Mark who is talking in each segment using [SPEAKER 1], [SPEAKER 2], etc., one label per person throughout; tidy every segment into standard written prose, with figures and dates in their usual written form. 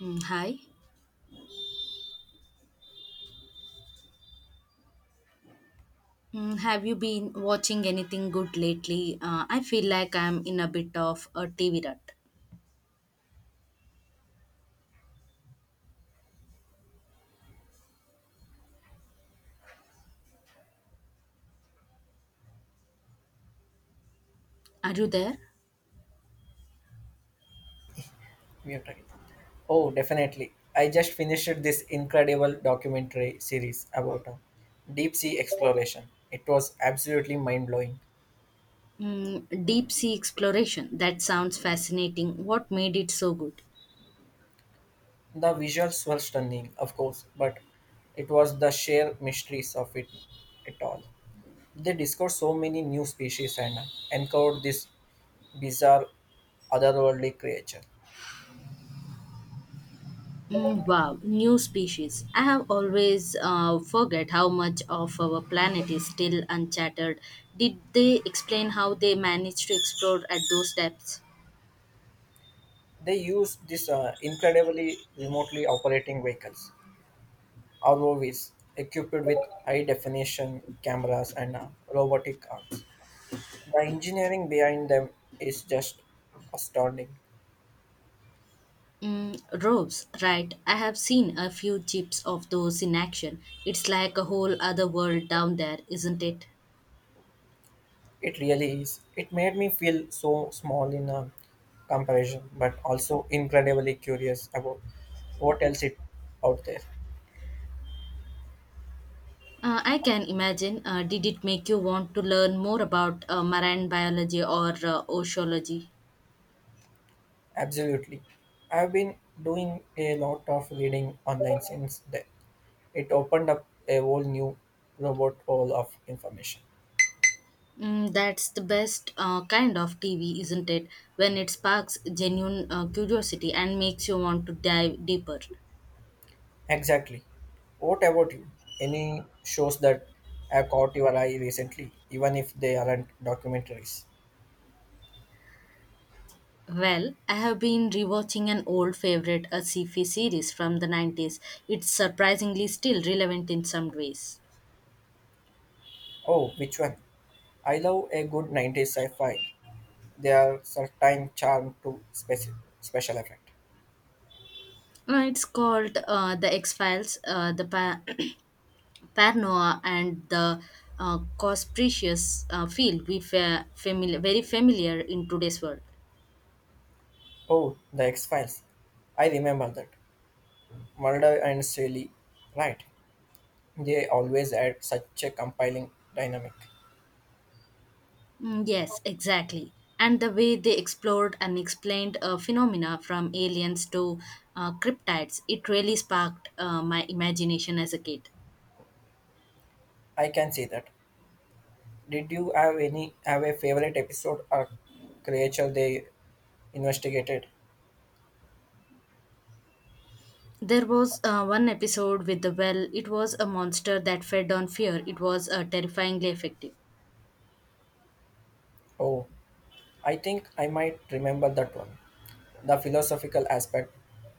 [SPEAKER 1] Hi. Have you been watching anything good lately? I feel like I'm in a bit of a TV rut. Are you there?
[SPEAKER 2] Mute again. Oh, definitely. I just finished this incredible documentary series about deep sea exploration. It was absolutely mind blowing.
[SPEAKER 1] Deep sea exploration. That sounds fascinating. What made it so good?
[SPEAKER 2] The visuals were stunning, of course, but it was the sheer mysteries of it at all. They discovered so many new species and uncovered this bizarre otherworldly creature.
[SPEAKER 1] Wow, new species. I have always forget how much of our planet is still uncharted. Did they explain how they managed to explore at those depths?
[SPEAKER 2] They used this incredibly remotely operating vehicles. Or movies equipped with high definition cameras and robotic arms. The engineering behind them is just astounding.
[SPEAKER 1] Rose, right. I have seen a few chips of those in action. It's like a whole other world down there, isn't it?
[SPEAKER 2] It really is. It made me feel so small in a comparison, but also incredibly curious about what else is out there.
[SPEAKER 1] I can imagine. Did it make you want to learn more about marine biology or oceanology?
[SPEAKER 2] Absolutely. I've been doing a lot of reading online since then. It opened up a whole new robot hole of information.
[SPEAKER 1] That's the best kind of TV, isn't it? When it sparks genuine curiosity and makes you want to dive deeper.
[SPEAKER 2] Exactly. What about you? Any shows that have caught your eye recently, even if they aren't documentaries?
[SPEAKER 1] Well, I have been rewatching an old favorite, a sci-fi series from the 90s. It's surprisingly still relevant in some ways.
[SPEAKER 2] Oh, which one? I love a good 90s sci fi. They are certain charm to special effect.
[SPEAKER 1] It's called The X-Files, Paranoia and the Cosprecious field we familiar, very familiar in today's world.
[SPEAKER 2] Oh, the X Files. I remember that. Mulder and Scully. Right. They always add such a compelling dynamic.
[SPEAKER 1] Yes, exactly. And the way they explored and explained phenomena from aliens to cryptids, it really sparked my imagination as a kid.
[SPEAKER 2] I can see that. Did you have a favorite episode or creature they investigated?
[SPEAKER 1] There was one episode with the well. It was a monster that fed on fear. It was terrifyingly effective.
[SPEAKER 2] Oh, I think I might remember that one. The philosophical aspect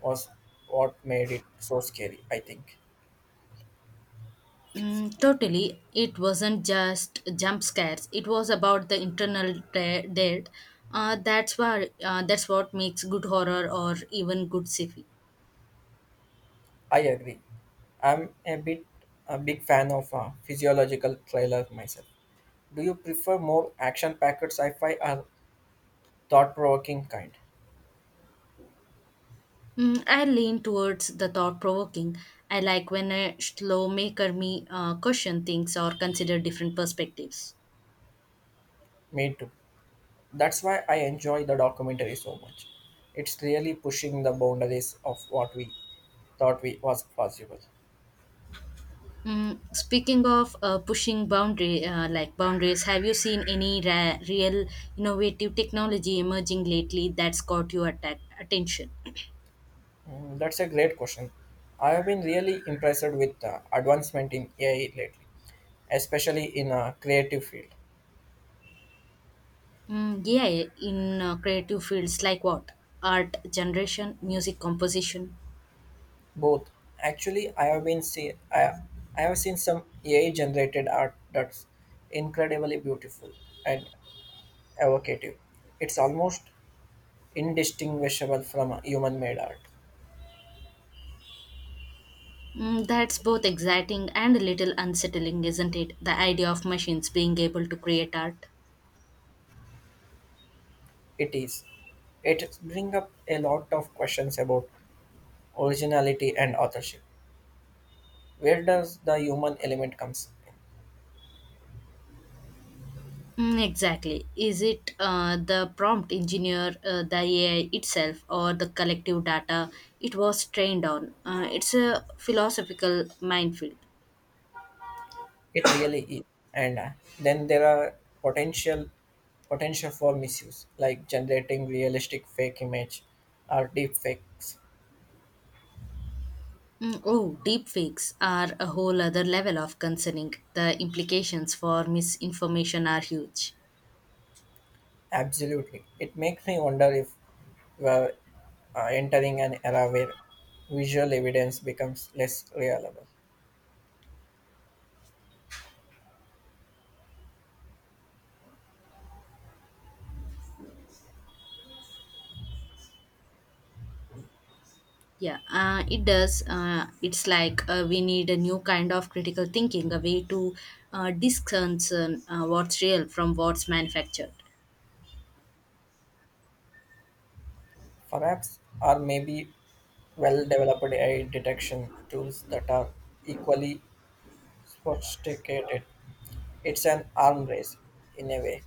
[SPEAKER 2] was what made it so scary, I think.
[SPEAKER 1] Totally, it wasn't just jump scares. It was about the internal dead. That's what makes good horror or even good sci-fi.
[SPEAKER 2] I agree. I'm a big fan of physiological thriller myself. Do you prefer more action-packed sci-fi or thought-provoking kind?
[SPEAKER 1] I lean towards the thought-provoking. I like when a slow maker me question things or consider different perspectives.
[SPEAKER 2] Me too. That's why I enjoy the documentary so much. It's really pushing the boundaries of what we thought we was possible.
[SPEAKER 1] Speaking of like boundaries, have you seen any real innovative technology emerging lately that's caught your attention?
[SPEAKER 2] That's a great question. I have been really impressed with the advancement in AI lately, especially in a creative field.
[SPEAKER 1] Yeah, in creative fields like what? Art generation, music composition.
[SPEAKER 2] Both actually, I, I have seen some AI generated art that's incredibly beautiful and evocative. It's almost indistinguishable from human made art.
[SPEAKER 1] That's both exciting and a little unsettling, isn't it? The idea of machines being able to create art.
[SPEAKER 2] It is. It brings up a lot of questions about originality and authorship. Where does the human element comes?
[SPEAKER 1] Exactly. Is it the prompt engineer, the AI itself, or the collective data it was trained on? It's a philosophical minefield.
[SPEAKER 2] It really is. And then there are potential potential for misuse, like generating realistic fake image or deep fakes.
[SPEAKER 1] Oh, deepfakes are a whole other level of concerning. The implications for misinformation are huge.
[SPEAKER 2] Absolutely. It makes me wonder if we're entering an era where visual evidence becomes less reliable.
[SPEAKER 1] Yeah, it does. It's like We need a new kind of critical thinking, a way to discern what's real from what's manufactured.
[SPEAKER 2] Perhaps, or maybe well developed AI detection tools that are equally sophisticated. It's an arm race in a way.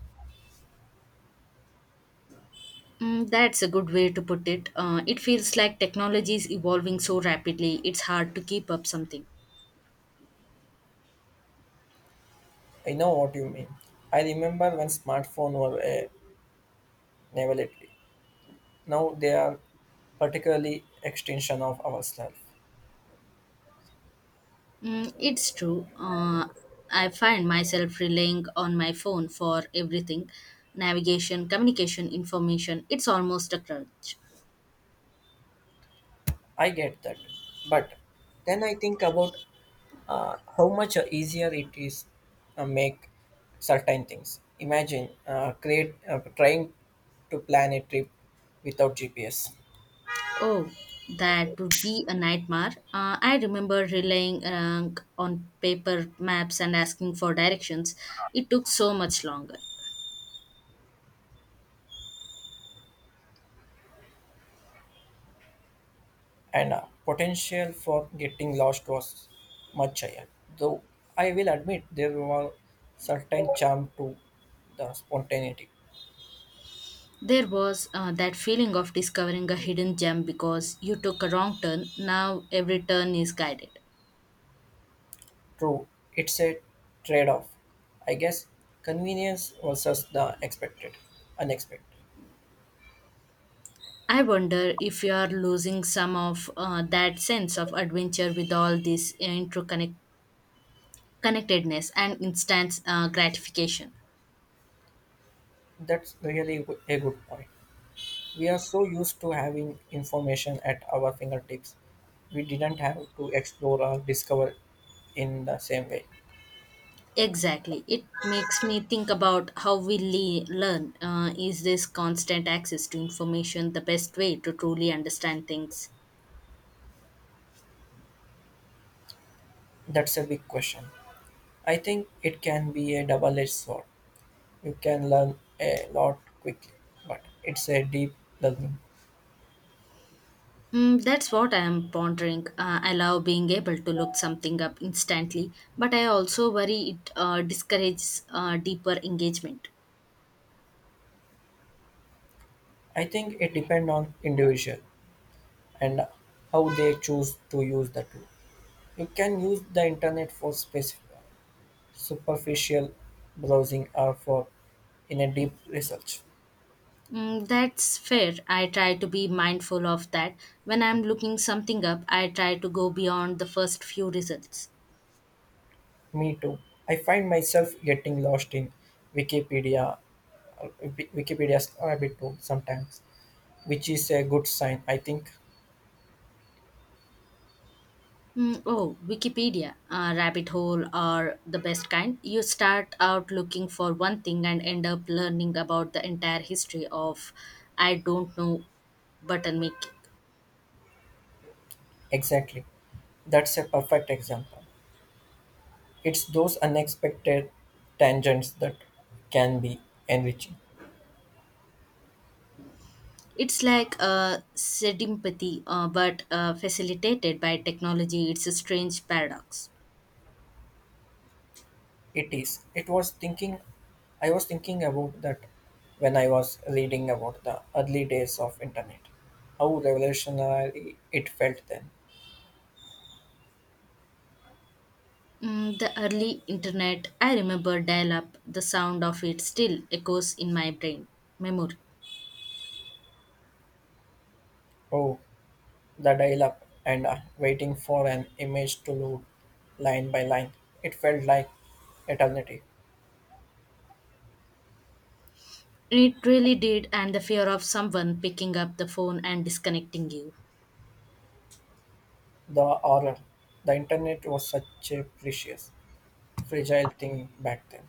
[SPEAKER 1] That's a good way to put it. It feels like technology is evolving so rapidly, it's hard to keep up something.
[SPEAKER 2] I know what you mean. I remember when smartphones were a novelty. Now they are particularly extension of ourselves.
[SPEAKER 1] It's true. I find myself relying on my phone for everything: navigation, communication, information. It's almost a crutch.
[SPEAKER 2] I get that. But then I think about how much easier it is make certain things. Imagine create trying to plan a trip without GPS.
[SPEAKER 1] Oh, that would be a nightmare. I remember relying on paper maps and asking for directions. It took so much longer.
[SPEAKER 2] And potential for getting lost was much higher. Though I will admit there was certain charm to the spontaneity.
[SPEAKER 1] There was that feeling of discovering a hidden gem because you took a wrong turn. Now every turn is guided.
[SPEAKER 2] True, it's a trade-off, I guess. Convenience versus the expected, unexpected.
[SPEAKER 1] I wonder if you are losing some of that sense of adventure with all this connectedness and instant gratification.
[SPEAKER 2] That's really a good point. We are so used to having information at our fingertips, we didn't have to explore or discover in the same way.
[SPEAKER 1] Exactly. It makes me think about how we learn. Is this constant access to information the best way to truly understand things?
[SPEAKER 2] That's a big question. I think it can be a double edged sword. You can learn a lot quickly, but it's a deep learning.
[SPEAKER 1] That's what I am pondering. I love being able to look something up instantly, but I also worry it discourages deeper engagement.
[SPEAKER 2] I think it depends on individual and how they choose to use the tool. You can use the internet for specific, superficial browsing or for in a deep research.
[SPEAKER 1] That's fair. I try to be mindful of that. When I'm looking something up, I try to go beyond the first few results.
[SPEAKER 2] Me too. I find myself getting lost in Wikipedia, Wikipedia's rabbit hole sometimes, which is a good sign. I think
[SPEAKER 1] Oh, Wikipedia, rabbit hole are the best kind. You start out looking for one thing and end up learning about the entire history of, I don't know, button making.
[SPEAKER 2] exactly. That's a perfect example. It's those unexpected tangents that can be enriching.
[SPEAKER 1] It's like a sympathy, but facilitated by technology. It's a strange paradox.
[SPEAKER 2] It is. I was thinking about that when I was reading about the early days of internet. How revolutionary it felt then.
[SPEAKER 1] The early internet, I remember dial up, the sound of it still echoes in my brain. Memory.
[SPEAKER 2] Oh, the dial-up and waiting for an image to load line by line. It felt like eternity.
[SPEAKER 1] It really did, and the fear of someone picking up the phone and disconnecting you.
[SPEAKER 2] The horror. The internet was such a precious, fragile thing back then.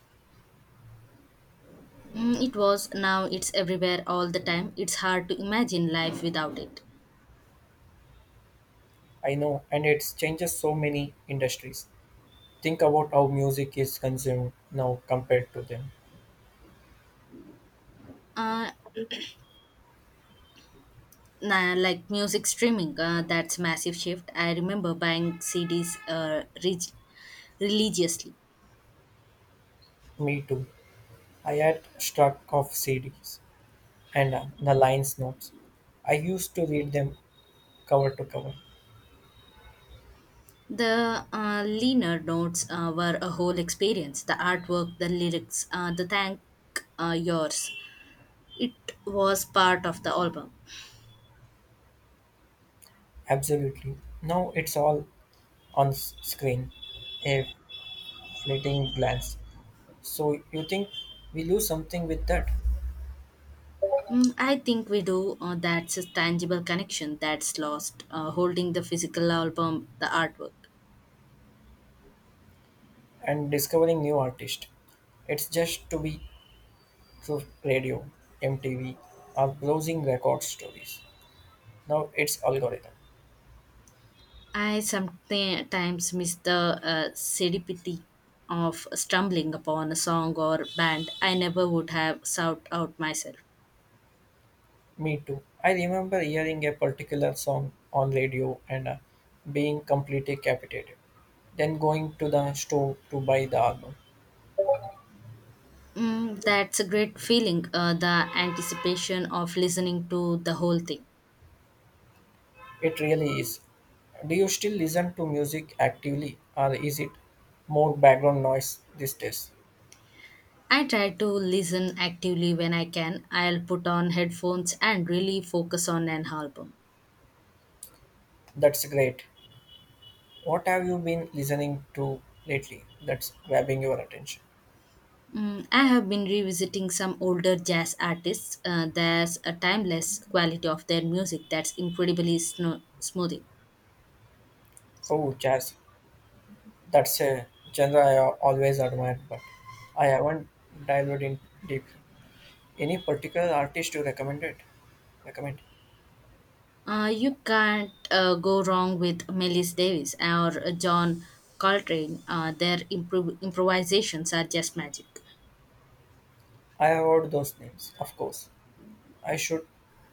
[SPEAKER 1] It was, now it's everywhere all the time. It's hard to imagine life without it.
[SPEAKER 2] I know, and it's changes so many industries. Think about how music is consumed now compared to then.
[SPEAKER 1] Uh, nah, like music streaming, that's massive shift. I remember buying CDs religiously.
[SPEAKER 2] Me too. I had struck of CDs and the lines notes. I used to read them cover to cover.
[SPEAKER 1] The Leaner notes were a whole experience: the artwork, the lyrics, the thank yours. It was part of the album.
[SPEAKER 2] Absolutely. Now it's all on screen, a fleeting glance. So you think we lose something with that?
[SPEAKER 1] I think we do. That's a tangible connection that's lost, holding the physical album, the artwork.
[SPEAKER 2] And discovering new artist. It's just to be through radio, MTV, or browsing record stories. Now it's algorithm.
[SPEAKER 1] I sometimes miss the serendipity of stumbling upon a song or band I never would have sought out myself.
[SPEAKER 2] Me too. I remember hearing a particular song on radio and being completely captivated, then going to the store to buy the album.
[SPEAKER 1] That's a great feeling, the anticipation of listening to the whole thing.
[SPEAKER 2] It really is. Do you still listen to music actively, or is it more background noise these days?
[SPEAKER 1] I try to listen actively when I can. I'll put on headphones and really focus on an album.
[SPEAKER 2] That's great. What have you been listening to lately that's grabbing your attention?
[SPEAKER 1] I have been revisiting some older jazz artists. There's a timeless quality of their music that's incredibly smoothing.
[SPEAKER 2] Oh, jazz. That's a genre I always admired, but I haven't dived in deeply. Any particular artist you recommended? Recommend?
[SPEAKER 1] You can't go wrong with Melis Davis or John Coltrane. Their improvisations are just magic.
[SPEAKER 2] I have heard those names, of course. I should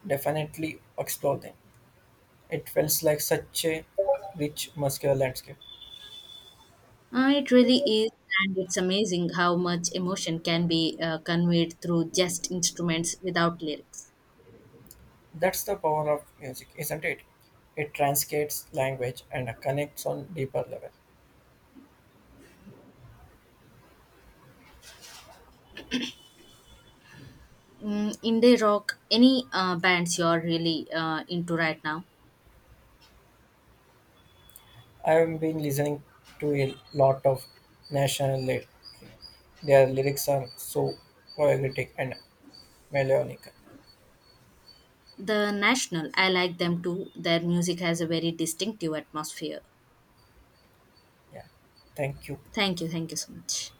[SPEAKER 2] definitely explore them. It feels like such a rich, muscular landscape.
[SPEAKER 1] It really is, and it's amazing how much emotion can be conveyed through just instruments without lyrics.
[SPEAKER 2] That's the power of music, isn't it? It transcends language and connects on deeper level.
[SPEAKER 1] Indie rock, any bands you're really into right now?
[SPEAKER 2] I have been listening to a lot of national lead. Their lyrics are so poetic and melodic.
[SPEAKER 1] The National, I like them too. Their music has a very distinctive atmosphere.
[SPEAKER 2] Yeah. Thank you.
[SPEAKER 1] Thank you so much.